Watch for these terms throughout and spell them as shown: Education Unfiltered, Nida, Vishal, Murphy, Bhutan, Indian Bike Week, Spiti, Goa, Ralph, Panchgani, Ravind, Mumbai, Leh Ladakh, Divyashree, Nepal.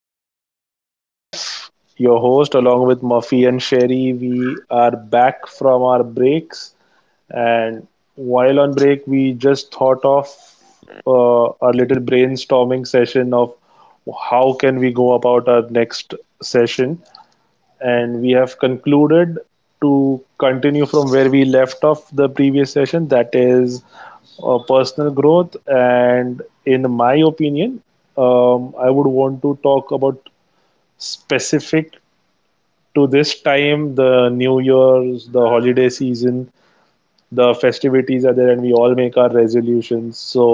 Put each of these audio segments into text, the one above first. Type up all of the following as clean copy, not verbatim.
It's me, Ralph, your host, along with Murphy and Sherry. We are back from our breaks, and while on break, we just thought of a little brainstorming session of how can we go about our next session, and we have concluded to continue from where we left off the previous session, that is, personal growth. And in my opinion, I would want to talk about specific to this time, the new year's, the holiday season, the festivities are there, and we all make our resolutions. So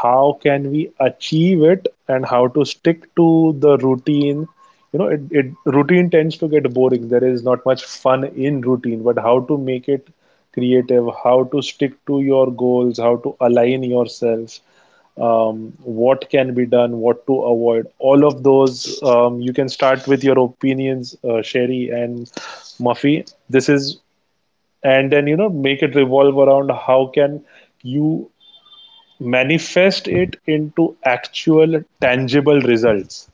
how can we achieve it, and how to stick to the routine? It routine tends to get boring, there is not much fun in routine, but how to make it creative, how to stick to your goals, how to align yourself, what can be done, what to avoid, all of those. You can start with your opinions, Sherry and Muffy. This is, and then make it revolve around how can you manifest it into actual tangible results,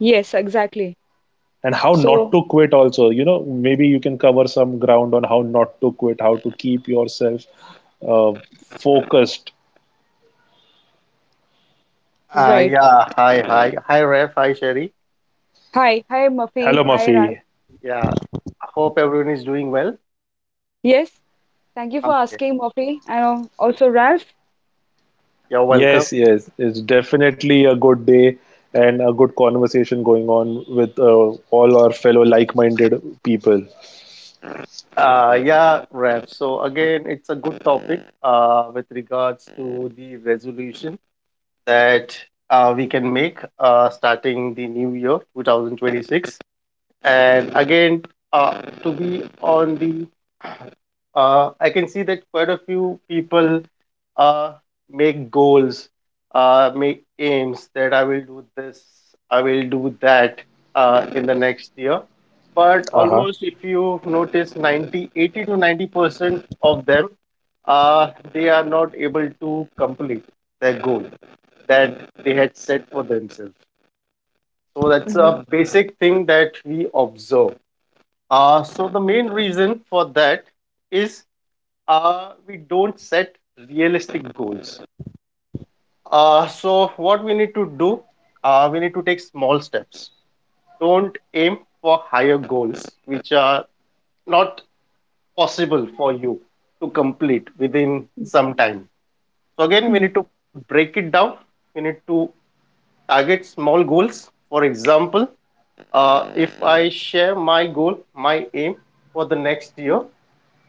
Yes, exactly. and how not So, to quit also. Maybe you can cover some ground on how not to quit, how to keep yourself uh, focused. Right. Yeah, hi, hi, Ref, hi, Sherry. Hi, hi, Murphy. Hello, Hi, Mafi. Ralph. Yeah, hope everyone is doing well. Yes, thank you for Okay, asking, Murphy, and also Ralph. you're welcome. Yes, yes, it's definitely a good day and a good conversation going on with all our fellow like-minded people. Yeah, Ref. So again, it's a good topic with regards to the resolution that we can make starting the new year, 2026. And again, to be on the I can see that quite a few people uh, make goals, make aims that I will do this, I will do that in the next year. But Uh-huh. almost, if you notice, 90, 80 to 90% of them, they are not able to complete their goal that they had set for themselves. So that's Mm-hmm. a basic thing that we observe. So the main reason for that is we don't set realistic goals. So, what we need to do, we need to take small steps. Don't aim for higher goals, which are not possible for you to complete within some time. So, again, we need to break it down. We need to target small goals. For example, if I share my goal, my aim for the next year,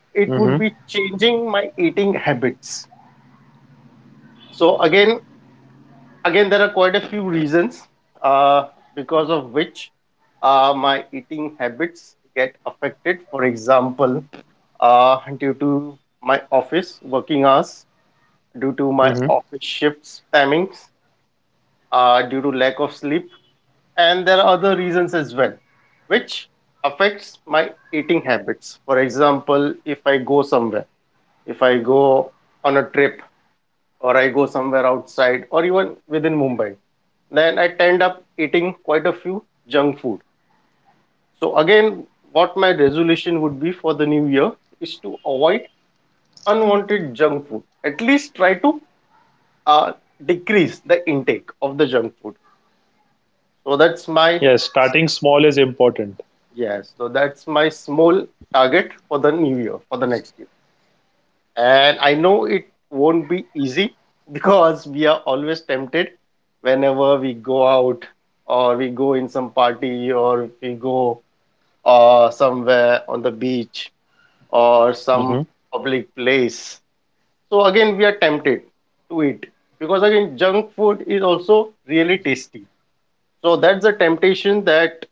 it would Mm-hmm. be changing my eating habits. So, again, there are quite a few reasons uh, because of which my eating habits get affected, for example, due to my office working hours, due to my Mm-hmm. office shifts timings, due to lack of sleep, and there are other reasons as well which affects my eating habits. For example, if I go somewhere, if I go on a trip, or I go somewhere outside or even within Mumbai, then I tend up eating quite a few junk food. So again, what my resolution would be for the new year is to avoid unwanted junk food. At least try to uh, decrease the intake of the junk food. So that's Yes, my starting small is important. yes. So that's my small target for the new year, for the next year. And I know it won't be easy because we are always tempted whenever we go out or we go in some party or we go or somewhere on the beach or Mm-hmm. some public place. So again, we are tempted to eat because again, junk food is also really tasty. So that's the temptation that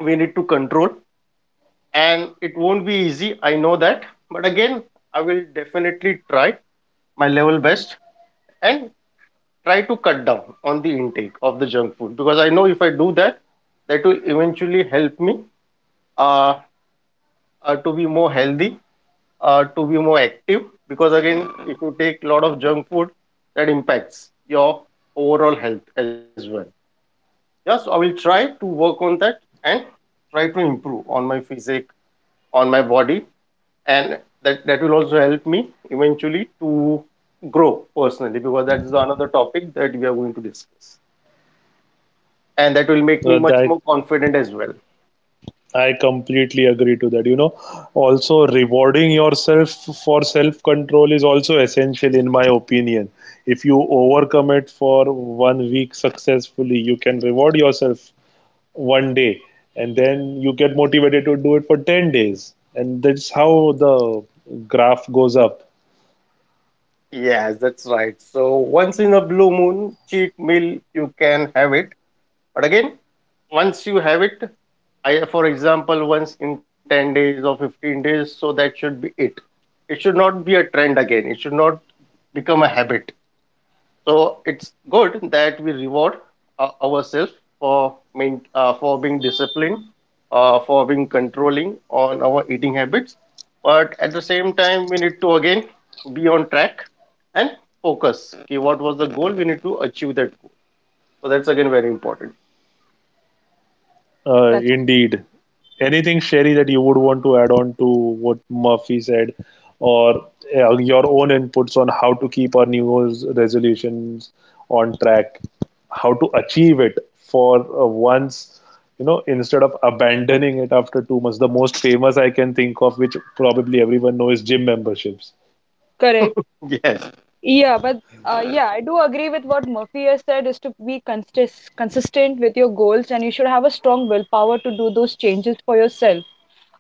we need to control, and it won't be easy. I know that, but again, I will definitely try my level best and try to cut down on the intake of the junk food because I know if I do that, that will eventually help me uh, to be more healthy, to be more active, because again, if you take a lot of junk food, that impacts your overall health as well. Yes, I will try to work on that and try to improve on my physique, on my body, and that will also help me eventually to grow personally because that's the another topic that we are going to discuss, and that will make me much That, more confident as well. I completely agree to that. You know, also rewarding yourself for self-control is also essential in my opinion. If you overcome it for one week successfully, you can reward yourself one day, and then you get motivated to do it for 10 days. And that's how the graph goes up. Yes, that's right. So once in a blue moon cheat meal you can have it, but again, once you have it, I, for example, once in 10 days or 15 days, so that should be it. It should not be a trend again. It should not become a habit. So it's good that we reward ourselves for for being disciplined, for being controlling on our eating habits. But at the same time, we need to again be on track and focus. Okay, what was the goal? We need to achieve that goal. So that's again very important. That's Indeed. Anything, Sherry, that you would want to add on to what Murphy said, or your own inputs on how to keep our New Year's resolutions on track, how to achieve it for once, you know, instead of abandoning it after 2 months? The most famous I can think of, which probably everyone knows, is gym memberships. correct. Yes. Yeah, but yeah, I do agree with what Murphy has said is to be consistent with your goals, and you should have a strong willpower to do those changes for yourself.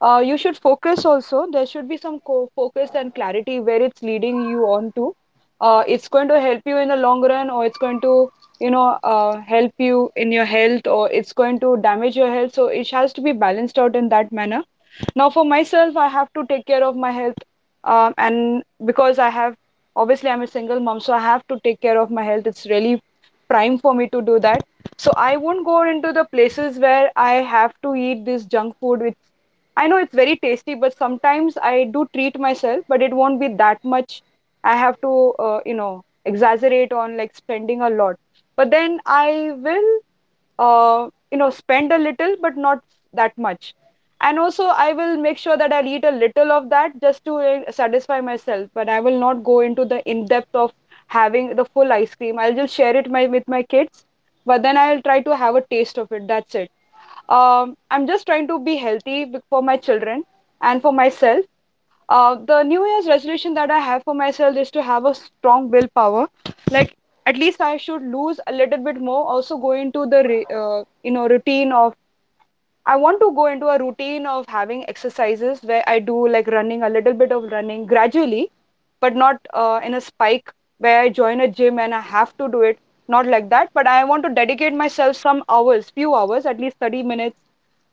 You should focus also. There should be some focus and clarity where it's leading you on to. It's going to help you in the long run, or it's going to help you in your health, or it's going to damage your health. So it has to be balanced out in that manner. Now for myself, I have to take care of my health, and because I have, obviously I'm a single mom, so I have to take care of my health. It's really prime for me to do that. So I won't go into the places where I have to eat this junk food, which I know it's very tasty, but sometimes I do treat myself, but it won't be that much. I have to exaggerate on like spending a lot, but then I will spend a little, but not that much. And also I will make sure that I'll eat a little of that just to satisfy myself, but I will not go into the in depth of having the full ice cream. I'll just share it my with my kids, but then I'll try to have a taste of it. That's it. I'm just trying to be healthy for my children and for myself. The New Year's resolution that I have for myself is to have a strong willpower. Like, at least I should lose a little bit more. Also go into the routine of, I want to go into a routine of having exercises where I do like running, a little bit of running gradually, but not in a spike where I join a gym and I have to do it. Not like that, but I want to dedicate myself some hours, few hours, at least 30 minutes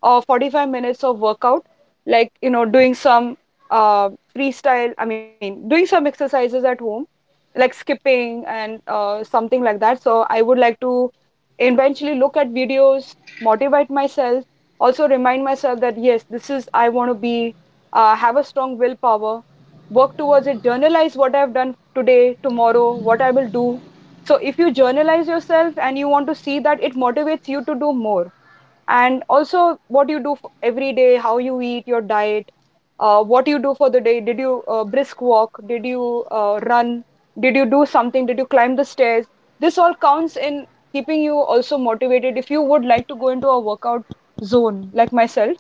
or 45 minutes of workout, like, you know, doing some uh, freestyle, I mean, doing some exercises at home like skipping and something like that. So I would like to eventually look at videos, motivate myself, also remind myself that yes, this is I want to be, have a strong willpower, work towards it, journalize what I've done today, tomorrow, what I will do. So if you journalize yourself and you want to see that, it motivates you to do more, and also what you do every day, how you eat, your diet, what you do for the day. Did you brisk walk? Did you run? Did you do something? Did you climb the stairs? This all counts in keeping you also motivated if you would like to go into a workout zone like myself.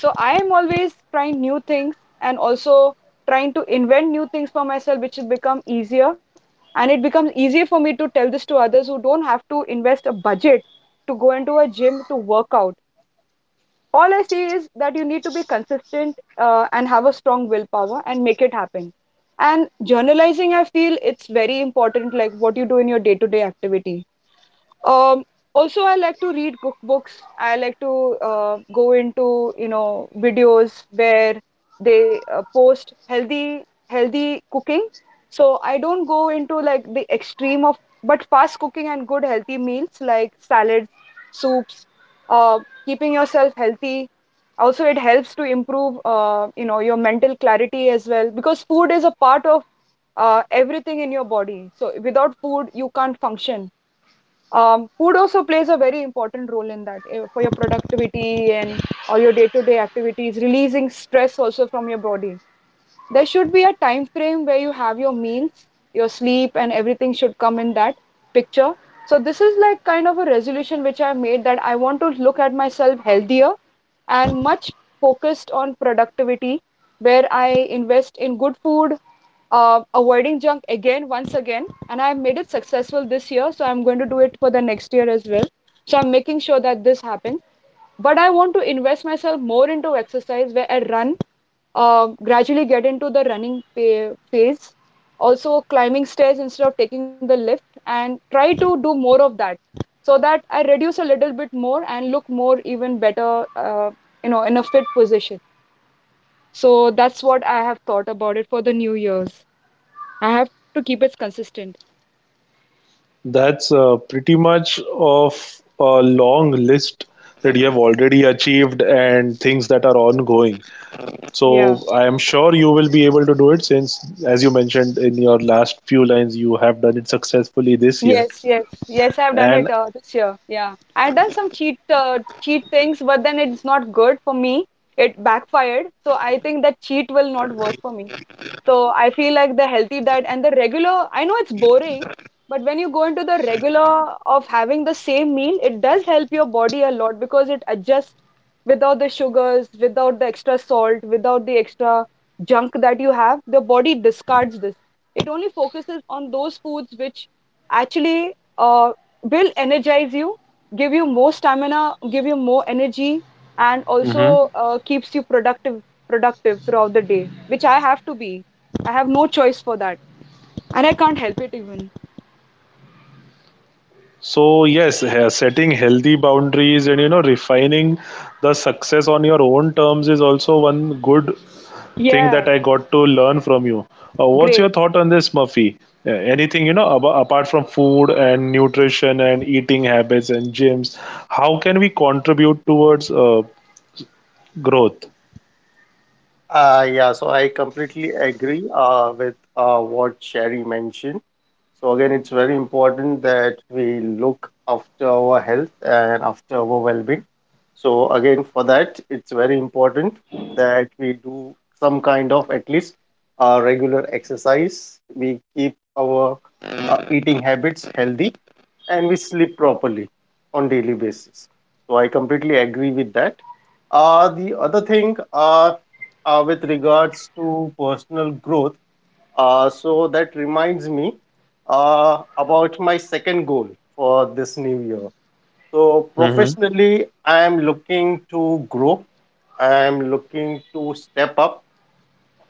So I am always trying new things, and also trying to invent new things for myself, which will become easier. And it becomes easier for me to tell this to others who don't have to invest a budget to go into a gym to work out. All I see is that you need to be consistent, and have a strong willpower and make it happen. And journalizing, I feel it's very important, like what you do in your day to day activity. Um, Also, I like to read cookbooks. I like to go into, you know, videos where they post healthy cooking. So I don't go into like the extreme of, but fast cooking and good healthy meals like salads, soups, uh, keeping yourself healthy. Also, it helps to improve, you know, your mental clarity as well because food is a part of everything in your body. So without food, you can't function. Food also plays a very important role in that for your productivity and all your day-to-day activities, releasing stress also from your body. There should be a time frame where you have your meals, your sleep, and everything should come in that picture. So this is like kind of a resolution which I made, that I want to look at myself healthier and much focused on productivity, where I invest in good food, avoiding junk again once again. And I made it successful this year, so I'm going to do it for the next year as well. So I'm making sure that this happens, but I want to invest myself more into exercise where I run, gradually get into the running phase. Also climbing stairs instead of taking the lift, and try to do more of that, so that I reduce a little bit more and look more even better, you know, in a fit position. So that's what I have thought about it for the new year's. I have to keep it consistent. That's pretty much of a long list that you have already achieved and things that are ongoing. Yeah. So I am sure you will be able to do it since, as you mentioned in your last few lines, you have done it successfully this year. Yes, yes, yes, I've done it And this year. Yeah. I've done some cheat things, but then it's not good for me. It backfired. So I think that cheat will not work for me. So I feel like the healthy diet and the regular, I know it's boring, but when you go into the regular of having the same meal, it does help your body a lot because it adjusts without the sugars, without the extra salt, without the extra junk that you have. The body discards this. It only focuses on those foods which actually uh, will energize you, give you more stamina, give you more energy, and mm-hmm, also keeps you productive throughout the day, which I have to be. I have no choice for that. And I can't help it even. so yes, he- setting healthy boundaries and refining the success on your own terms is also one good thing that Yeah, I got to learn from you. What's your great. thought on this, Murphy? Anything ab- apart from food and nutrition and eating habits and gyms, how can we contribute towards growth? Yeah, so I completely agree with what Sherry mentioned. So again, it's very important that we look after our health and after our well-being. So again, for that, it's very important that we do some kind of at least regular exercise. We keep our eating habits healthy and we sleep properly on daily basis. So I completely agree with that. The other thing, with regards to personal growth, so that reminds me about my second goal for this new year. So Mm-hmm. professionally, I am looking to grow. I am looking to step up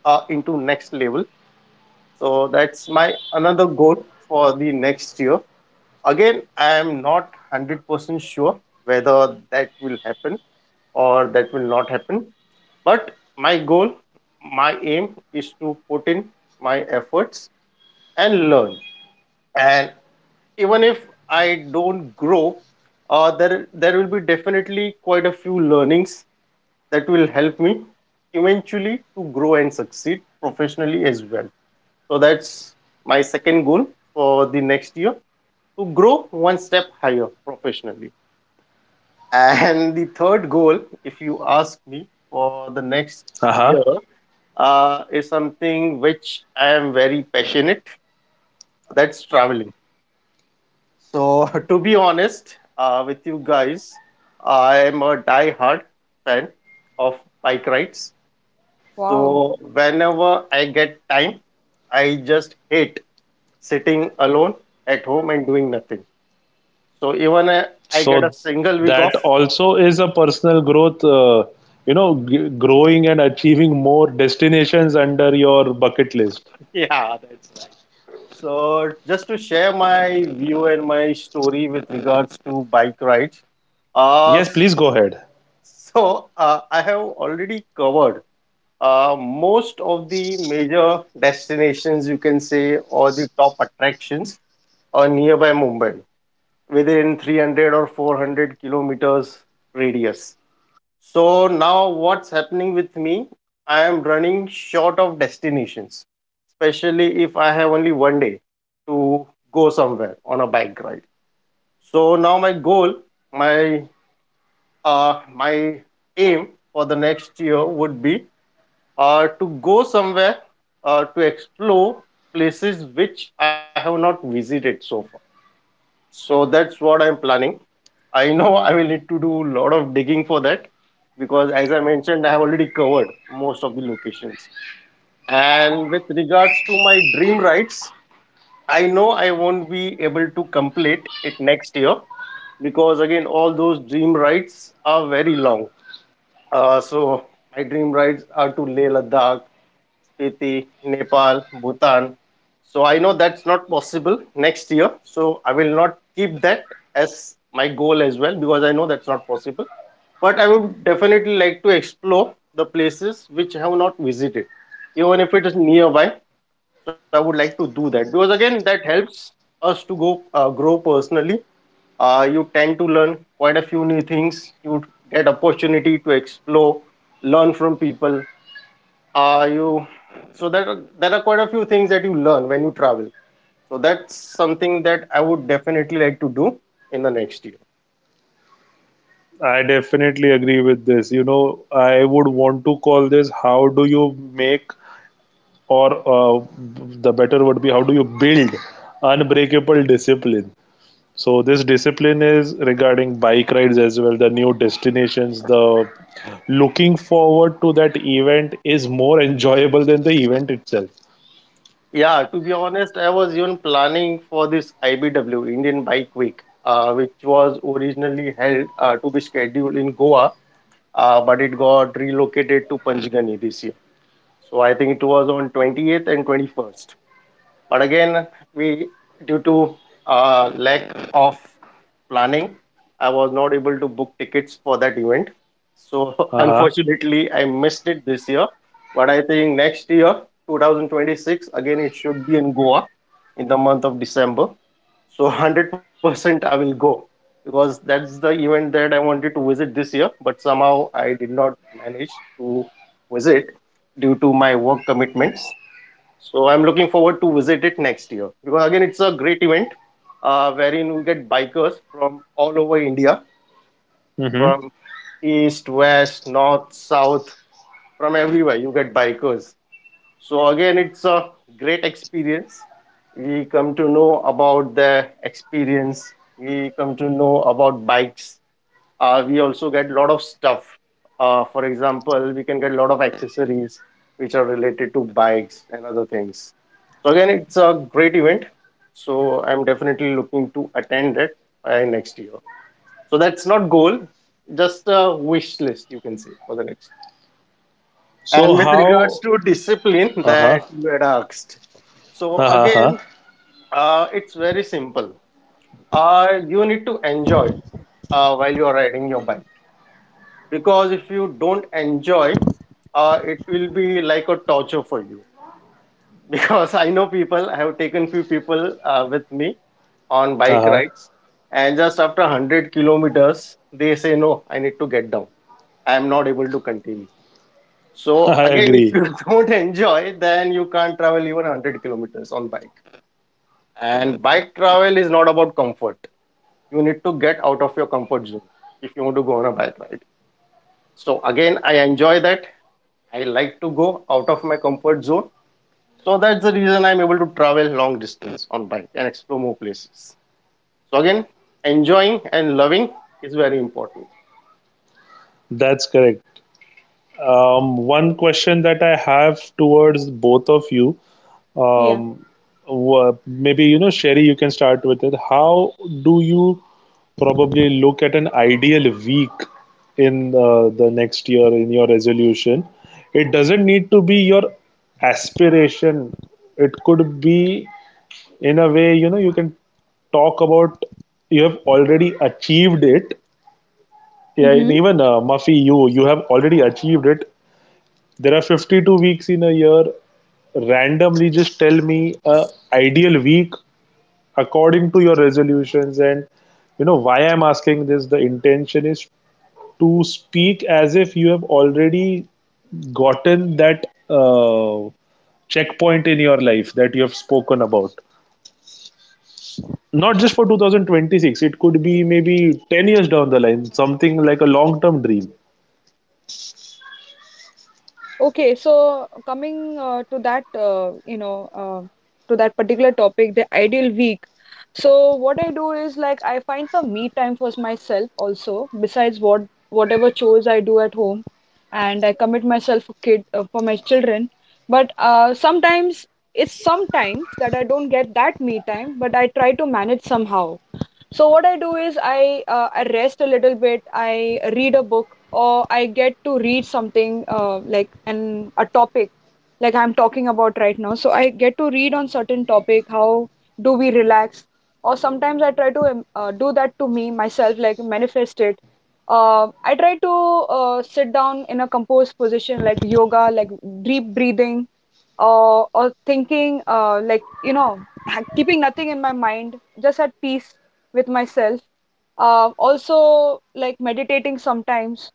into next level. So that's my another goal for the next year. Again, I am not 100% sure whether that will happen or that will not happen. But my goal, my aim is to put in my efforts and learn. And even if I don't grow, there will be definitely quite a few learnings that will help me eventually to grow and succeed professionally as well. So that's my second goal for the next year, to grow one step higher professionally. And the third goal, if you ask me for the next Uh huh. year, is something which I am very passionate. That's traveling. So, to be honest with you guys, I am a die-hard fan of bike rides. Wow. So, whenever I get time, I just hate sitting alone at home and doing nothing. So, I get a So single week that off. also is a personal growth, g- growing and achieving more destinations under your bucket list. Yeah, that's right. So, just to share my view and my story with regards to bike rides. Uh, Yes, s- please go ahead. so, I have already covered most of the major destinations, you can say, or the top attractions nearby Mumbai within 300 or 400 kilometers radius. So now what's happening with me? I am running short of destinations, especially if I have only one day to go somewhere on a bike ride. So now my goal, my my aim for the next year would be to go somewhere to explore places which I have not visited so far. So that's what I'm planning. I know I will need to do a lot of digging for that because, as I mentioned, I have already covered most of the locations. And with regards to my dream rides, I know I won't be able to complete it next year because, again, all those dream rides are very long. So, my dream rides are to Leh Ladakh, Spiti, Nepal, Bhutan. So, I know that's not possible next year. So, I will not keep that as my goal as well because I know that's not possible, but I would definitely like to explore the places which I have not visited, even if it is nearby. So I would like to do that because again, that helps us to go grow personally. You tend to learn quite a few new things. You get opportunity to explore, learn from people. You so that There are quite a few things that you learn when you travel. So that's something that I would definitely like to do in the next year. I definitely agree with this. You know, I would want to call this, how do you make, or the better would be, how do you build unbreakable discipline? So this discipline is regarding bike rides as well, the new destinations, the looking forward to that event is more enjoyable than the event itself. Yeah, to be honest, I was even planning for this IBW, Indian Bike Week, which was originally held to be scheduled in Goa, but it got relocated to Panchgani this year. So I think it was on 28th and 21st. But again, we due to lack of planning, I was not able to book tickets for that event. So Uh-huh. unfortunately, I missed it this year. But I think next year, 2026, again it should be in Goa in the month of December. So 100% I will go because that's the event that I wanted to visit this year, but somehow I did not manage to visit due to my work commitments. So I'm looking forward to visit it next year because again it's a great event wherein we get bikers from all over India, Mm-hmm. from east, west, north, south, from everywhere. You get bikers. So again, it's a great experience. We come to know about the experience. We come to know about bikes. We also get a lot of stuff. For example, we can get a lot of accessories which are related to bikes and other things. So again, it's a great event. So I'm definitely looking to attend it by next year. So that's not goal, just a wish list you can say for the next. So And with regards how? to discipline Uh-huh. that you had asked, so Uh-huh. again, it's very simple. You need to enjoy while you are riding your bike because if you don't enjoy, it will be like a torture for you. Because I know people, I have taken few people with me on bike Uh-huh. rides, and just after 100 kilometers, they say, No, I need to get down. I am not able to continue. So I again, if agree. you don't enjoy, then you can't travel even 100 kilometers on bike. And bike travel is not about comfort. You need to get out of your comfort zone if you want to go on a bike ride. So again, I enjoy that. I like to go out of my comfort zone. So that's the reason I'm able to travel long distance on bike and explore more places. So again, enjoying and loving is very important. That's correct. One question that I have towards both of you, Yeah. um, maybe Sherry, you can start with it. How do you probably look at an ideal week in the next year in your resolution? It doesn't need to be your aspiration. It could be in a way, you know, you can talk about you have already achieved it. Yeah. And Mm-hmm. even Muffy, you have already achieved it. There are 52 weeks in a year. Randomly, just tell me a ideal week according to your resolutions. And you know why I'm asking this. The intention is to speak as if you have already gotten that checkpoint in your life that you have spoken about. Not just for 2026. It could be maybe 10 years down the line. Something like a long-term dream. Okay, so coming to that, you know, to that particular topic, the ideal week. So what I do is like I find some me time for myself also, besides whatever chores I do at home, and I commit myself for kid for my children. But sometimes, it's sometimes that I don't get that me time, but I try to manage somehow. So what I do is I rest a little bit, I read a book, or I get to read something, like an a topic like I'm talking about right now. So I get to read on certain topic, how do we relax. Or sometimes I try to do that to me myself, like manifest it. I try to sit down in a composed position, like yoga, like deep breathing, or thinking, like, you know, keeping nothing in my mind, just at peace with myself, also like meditating sometimes.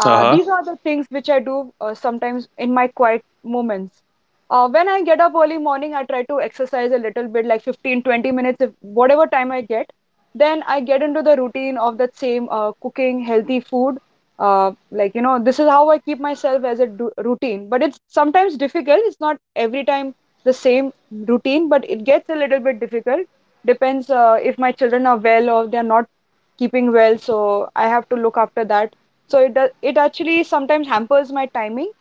Uh huh. these are the things which I do sometimes in my quiet moments. When I get up early morning, I try to exercise a little bit, like 15, 20 minutes, if whatever time I get. Then I get into the routine of that same cooking healthy food. Like, you know, this is how I keep myself as a routine. But it's sometimes difficult. It's not every time the same routine, but it gets a little bit difficult. Depends if my children are well or they're not keeping well. So I have to look after that, so it does, it actually sometimes hampers my timing.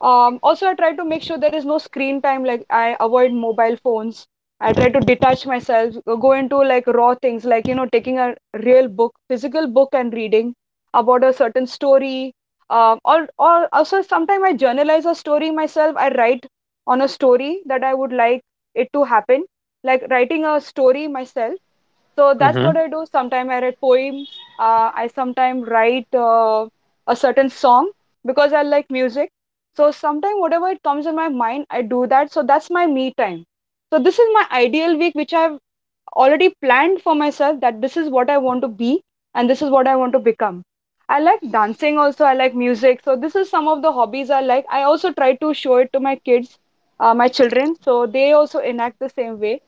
Also, I try to make sure there is no screen time. Like I avoid mobile phones. I try to detach myself, go into like raw things, like, you know, taking a real book, physical book, and reading about a certain story. Or also sometimes I journalize a story myself. I write on a story that I would like it to happen, like writing a story myself. So that's what Mm-hmm. I do. Sometimes I write poems. I sometimes write a certain song because I like music, so sometimes whatever it comes in my mind, I do that. So that's my me time. So this is my ideal week, which I've already planned for myself, that this is what I want to be and this is what I want to become. I like dancing also. I like music. So this is some of the hobbies I like. I also try to show it to my kids, my children. So they also enact the same way,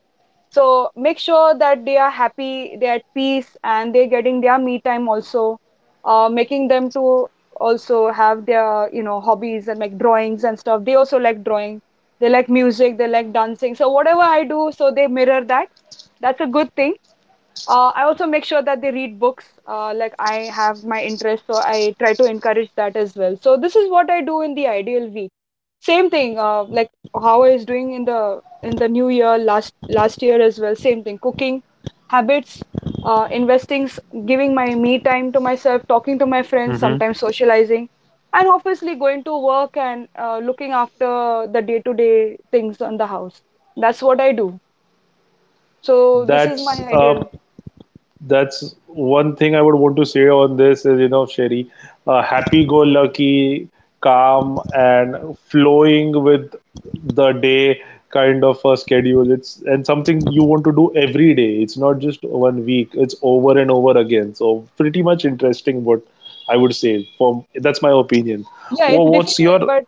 so make sure that they are happy, they're at peace, and they're getting their me time also, making them to also have their, you know, hobbies, and make drawings and stuff. They also like drawing, they like music, they like dancing, so whatever I do, so they mirror that. That's a good thing. Uh, I also make sure that they read books, like I have my interest, so I try to encourage that as well. So this is what I do in the ideal week. Same thing, like how I was doing in the new year, last year as well. Same thing, cooking habits, investing, giving my me time to myself, talking to my friends, Mm-hmm. sometimes socializing, and obviously going to work, and looking after the day to day things on the house. That's what I do. So this is my That's a ideal. That's one thing I would want to say on this is, you know, Sherry, happy-go-lucky, calm, and flowing with the day kind of a schedule. It's, and something you want to do every day. It's not just one week. It's over and over again. So pretty much interesting. What I would say for that's my opinion. Yeah, it's What's difficult, your? but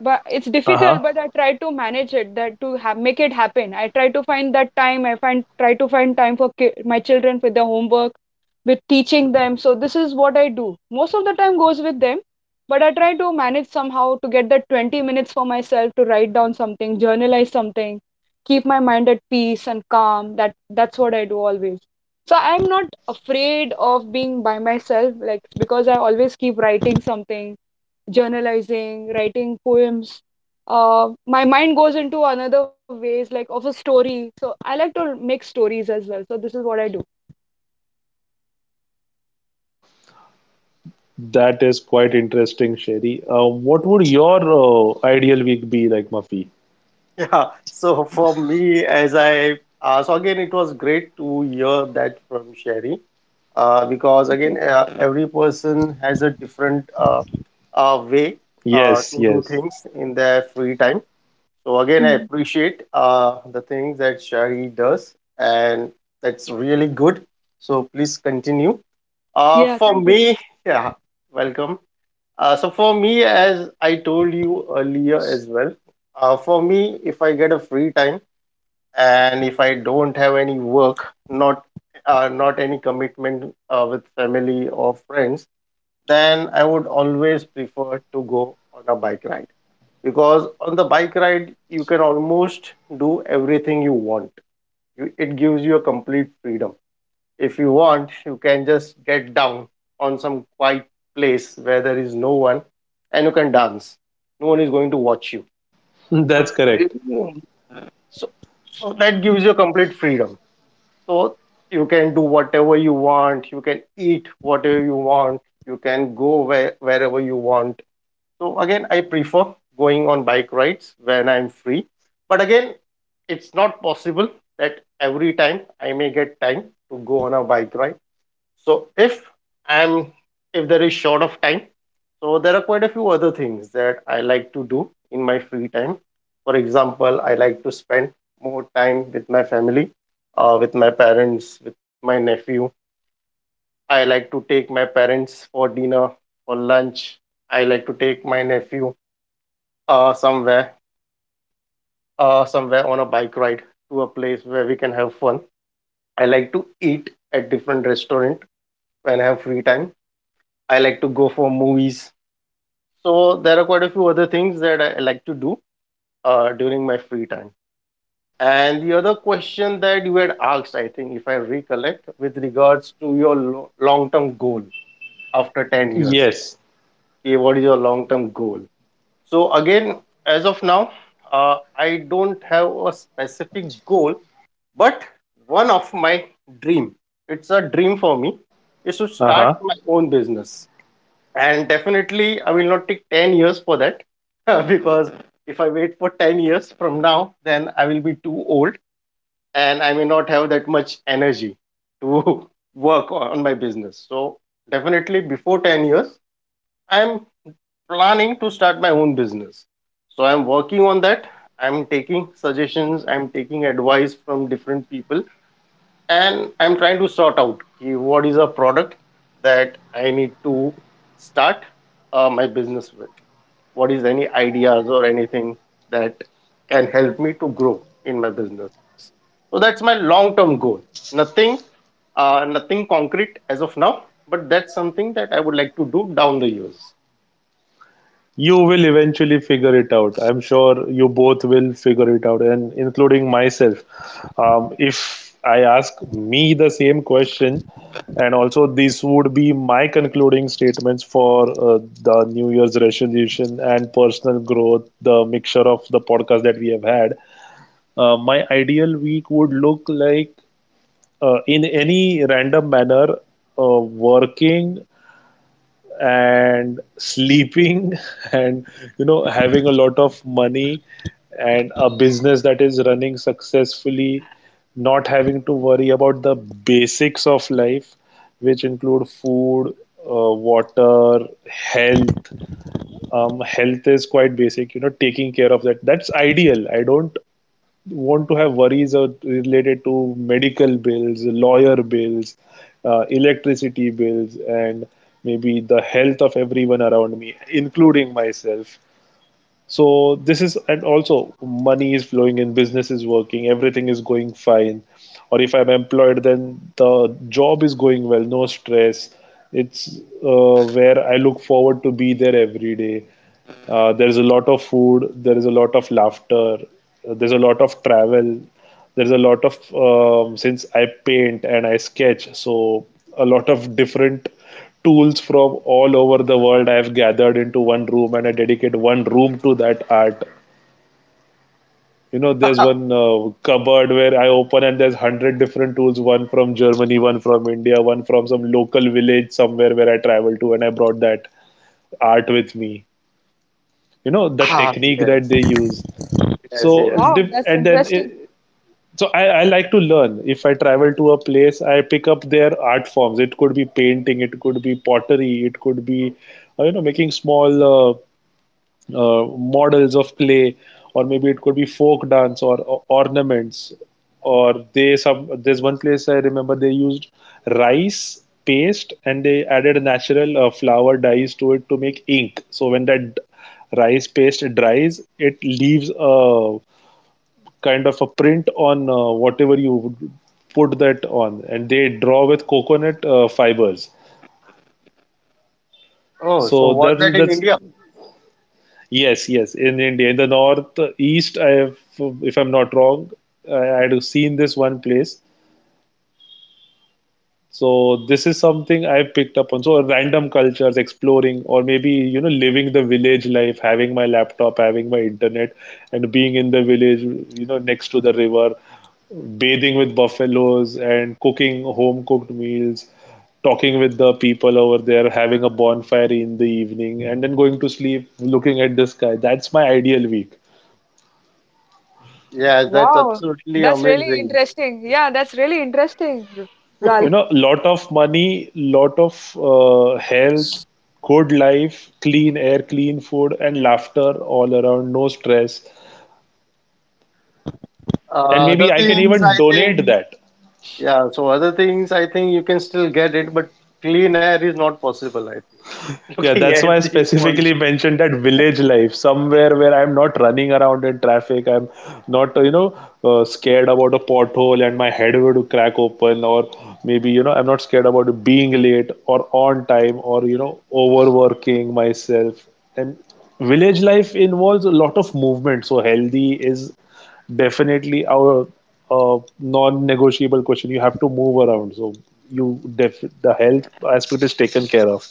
but it's Uh-huh? difficult, but I try to manage it, that to have make it happen. I try to find that time. I find try to find time for ki my children with their homework, with teaching them. So this is what I do. Most of the time goes with them, but I try to manage somehow to get that 20 minutes for myself to write down something, journalize something, keep my mind at peace and calm. That's what I do always. So I'm not afraid of being by myself, like, because I always keep writing something, journalizing, writing poems. My mind goes into another ways, like of a story. So I like to make stories as well. So this is what I do. That is quite interesting, Sherry. What would your ideal week be like, Mafi? Yeah. So for me, as I so again, it was great to hear that from Sherry because Okay. Every person has a different way Yes, to do yes. things in their free time. So again, I Hmm. appreciate the things that Shari does, and that's really good. So please continue. Yeah. For Thank you. me, yeah, welcome. So for me, as I told you earlier as well, for me, if I get a free time and if I don't have any work, not any commitment with family or friends, then I would always prefer to go on a bike ride because on the bike ride you can almost do everything you want. It gives you a complete freedom. If you want, you can just get down on some quiet place where there is no one, and you can dance, no one is going to watch you. That's so correct. you- so, so that gives you complete freedom, so you can do whatever you want, you can eat whatever you want, you can go wherever you want. So again, I prefer going on bike rides when I'm free. But again, it's not possible that every time I may get time to go on a bike ride. So I'm if there is short of time, so there are quite a few other things that I like to do in my free time. For example, I like to spend more time with my family, with my parents, with my nephew. I like to take my parents for dinner, for lunch. I like to take my nephew uh, somewhere, somewhere on a bike ride to a place where we can have fun. I like to eat at different restaurant when I have free time. I like to go for movies. So there are quite a few other things that I like to do during my free time. And the other question that you had asked, I think, if I recollect, with regards to your long-term goal after 10 years. Yes. Okay, what is your long-term goal? So again, as of now, I don't have a specific goal. But one of my dream, it's a dream for me, is to start Uh-huh. my own business. And definitely, I will not take 10 years for that because if I wait for 10 years from now, then I will be too old and I may not have that much energy to work on my business. So definitely, before 10 years, I'm planning to start my own business. So I'm working on that. I'm taking suggestions, I'm taking advice from different people, and I'm trying to sort out ki what is a product that I need to start my business with, what is any ideas or anything that can help me to grow in my business. So that's my long term goal. nothing Nothing concrete as of now, but that's something that I would like to do down the years. You will eventually figure it out. I'm sure you both will figure it out, and including myself. If I ask me the same question, and also these would be my concluding statements for the New Year's resolution and personal growth, the mixture of the podcast that we have had. My ideal week would look like in any random manner, working and sleeping and having a lot of money and a business that is running successfully, not having to worry about the basics of life, which include food, uh, water, health. Health is quite basic, taking care of that, that's ideal. I don't want to have worries are related to medical bills, lawyer bills, electricity bills, and maybe the health of everyone around me, including myself. So this is, and also money is flowing in, business is working, everything is going fine. Or if I'm employed, then the job is going well, no stress. It's where I look forward to be there every day. There's a lot of food, there is a lot of laughter, there's a lot of travel, there's a lot of since I paint and I sketch, so a lot of different tools from all over the world I have gathered into one room, and I dedicate one room to that art. You know, there's one cupboard where I open, and there's 100 different tools, one from Germany, one from India, one from some local village somewhere where I traveled to, and I brought that art with me. You know, the Ah, Wow, technique that yes. they use. Yes, So, yes. wow, that's and then interesting. it, so I like to learn. If I travel to a place, I pick up their art forms. It could be painting, it could be pottery, it could be making small models of clay, or maybe it could be folk dance, or ornaments. Or they some there's one place I remember, they used rice paste, and they added natural flower dyes to it to make ink. So when that rice paste dries, it leaves a kind of a print on whatever you would put that on, and they draw with coconut fibers. Oh, so So was that's that in that's India? yes, yes, in India, in the north east, I have, if I'm not wrong, I had seen this one place. So this is something I picked up on. So random cultures, exploring, or maybe living the village life, having my laptop, having my internet, and being in the village, you know, next to the river, bathing with buffaloes and cooking home cooked meals, talking with the people over there, having a bonfire in the evening, and then going to sleep, looking at the sky. That's my ideal week. Yes, that's Wow, absolutely that's really amazing. interesting. Yeah, that's really interesting, Ralph. Lot of money, lot of health, good life, clean air, clean food, and laughter all around, no stress. And maybe The I can things, I even think, donate that. yeah, so other things I think you can still get it, but clean air is not possible, I think. Looking Yeah, at that's the why I polish. specifically mentioned that village life, somewhere where I'm not running around in traffic. I'm not, you know, scared about a pothole and my head would crack open, or maybe, you know, I'm not scared about being late or on time, or, overworking myself. And village life involves a lot of movement. So, healthy is definitely our non-negotiable question. You have to move around. So, you def- the health aspect is taken care of.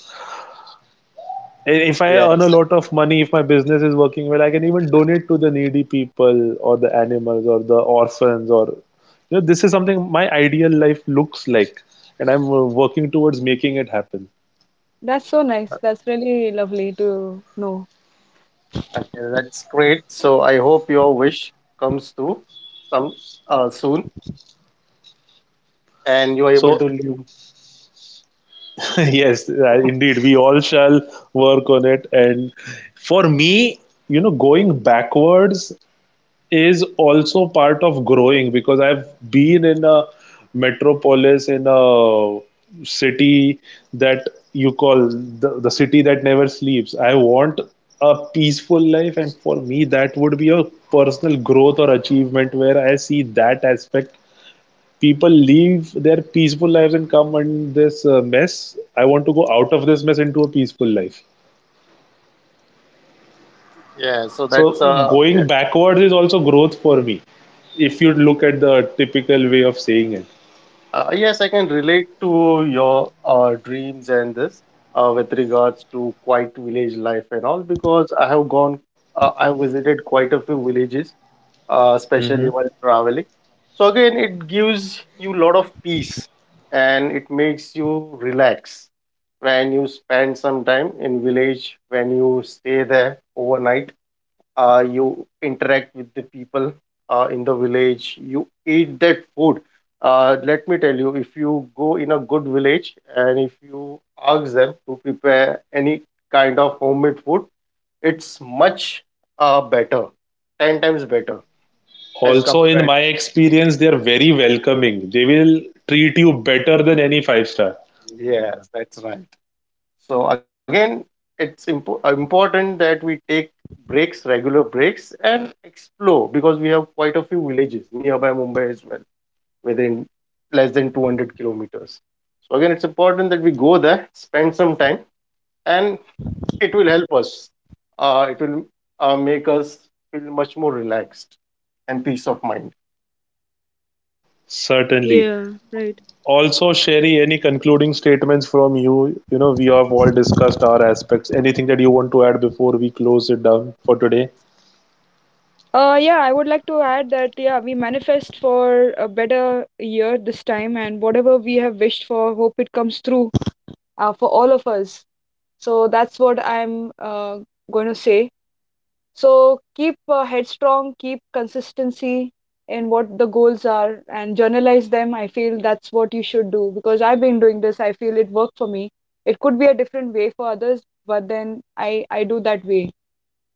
If I Yes, earn a lot of money, if my business is working well, I can even donate to the needy people or the animals or the orphans, or this is something my ideal life looks like, and I'm working towards making it happen. That's so nice. That's really lovely to know. okay, that's great. So I hope your wish comes through some soon and you are able to So, live. yes, indeed we all shall work on it. And for me, you know, going backwards is also part of growing, because I've been in a metropolis, in a city that you call the city that never sleeps. I want a peaceful life, and for me, that would be a personal growth or achievement where I see that aspect. People leave their peaceful lives and come in this mess. I want to go out of this mess into a peaceful life. Yeah, so that's So going yes. Yeah. backwards is also growth for me, if you look at the typical way of saying it. Yes, I can relate to your dreams and this with regards to quiet village life and all because I have gone, I visited quite a few villages, Hmm. especially while traveling. So again, it gives you a lot of peace and it makes you relax when you spend some time in village, when you stay there overnight, you interact with the people in the village, you eat that food. Let me tell you, if you go in a good village and if you ask them to prepare any kind of homemade food, it's much better, 10 times better as Also, in compared. my experience, they are very welcoming. They will treat you better than any five star. Yes, that's right. So again, it's important that we take breaks, regular breaks, and explore, because we have quite a few villages nearby Mumbai as well, within less than 200 kilometers. So again, it's important that we go there, spend some time, and it will help us, it will make us feel much more relaxed and peace of mind. Certainly. Yeah, right. Also, Sherry, any concluding statements from you? You know, we have all discussed our aspects. Anything that you want to add before we close it down for today? Yeah, I would like to add that, yeah, we manifest for a better year this time, and whatever we have wished for, hope it comes through for all of us. So that's what I'm going to say. So keep headstrong, keep consistency in what the goals are, and journalize them. I feel that's what you should do because I've been doing this. I feel it worked for me. It could be a different way for others, but then I do that way.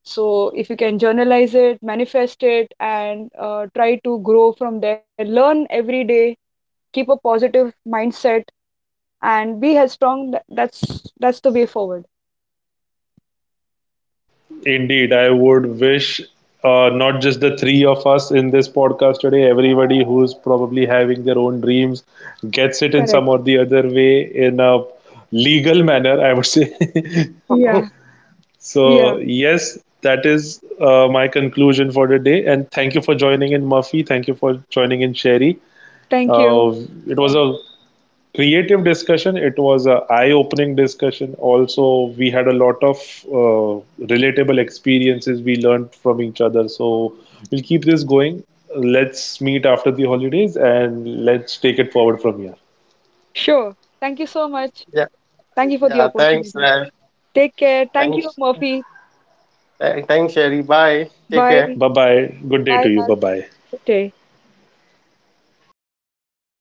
So if you can journalize it, manifest it, and try to grow from there, learn every day, keep a positive mindset, and be headstrong. That's the way forward. Indeed, I would wish not just the three of us in this podcast today, everybody who's probably having their own dreams gets it in Correct. some or the other way in a legal manner, I would say. Yeah. So, Yeah. yes, that is my conclusion for the day. And thank you for joining in, Murphy. Thank you for joining in, Sherry. Thank Uh, you. it Yeah. was a creative discussion. It was an eye-opening discussion. Also, we had a lot of uh, relatable experiences we learned from each other. So we'll keep this going. Let's meet after the holidays, and let's take it forward from here. Sure. Thank you so much. Yeah. Thank you for the Yeah, thanks opportunity. Raj. Take care. Thank you, Thanks. Murphy. Thanks Sherry, bye, take Bye. care. Bye bye. Good day Bye, to you. Bye Ralph. bye. Good day.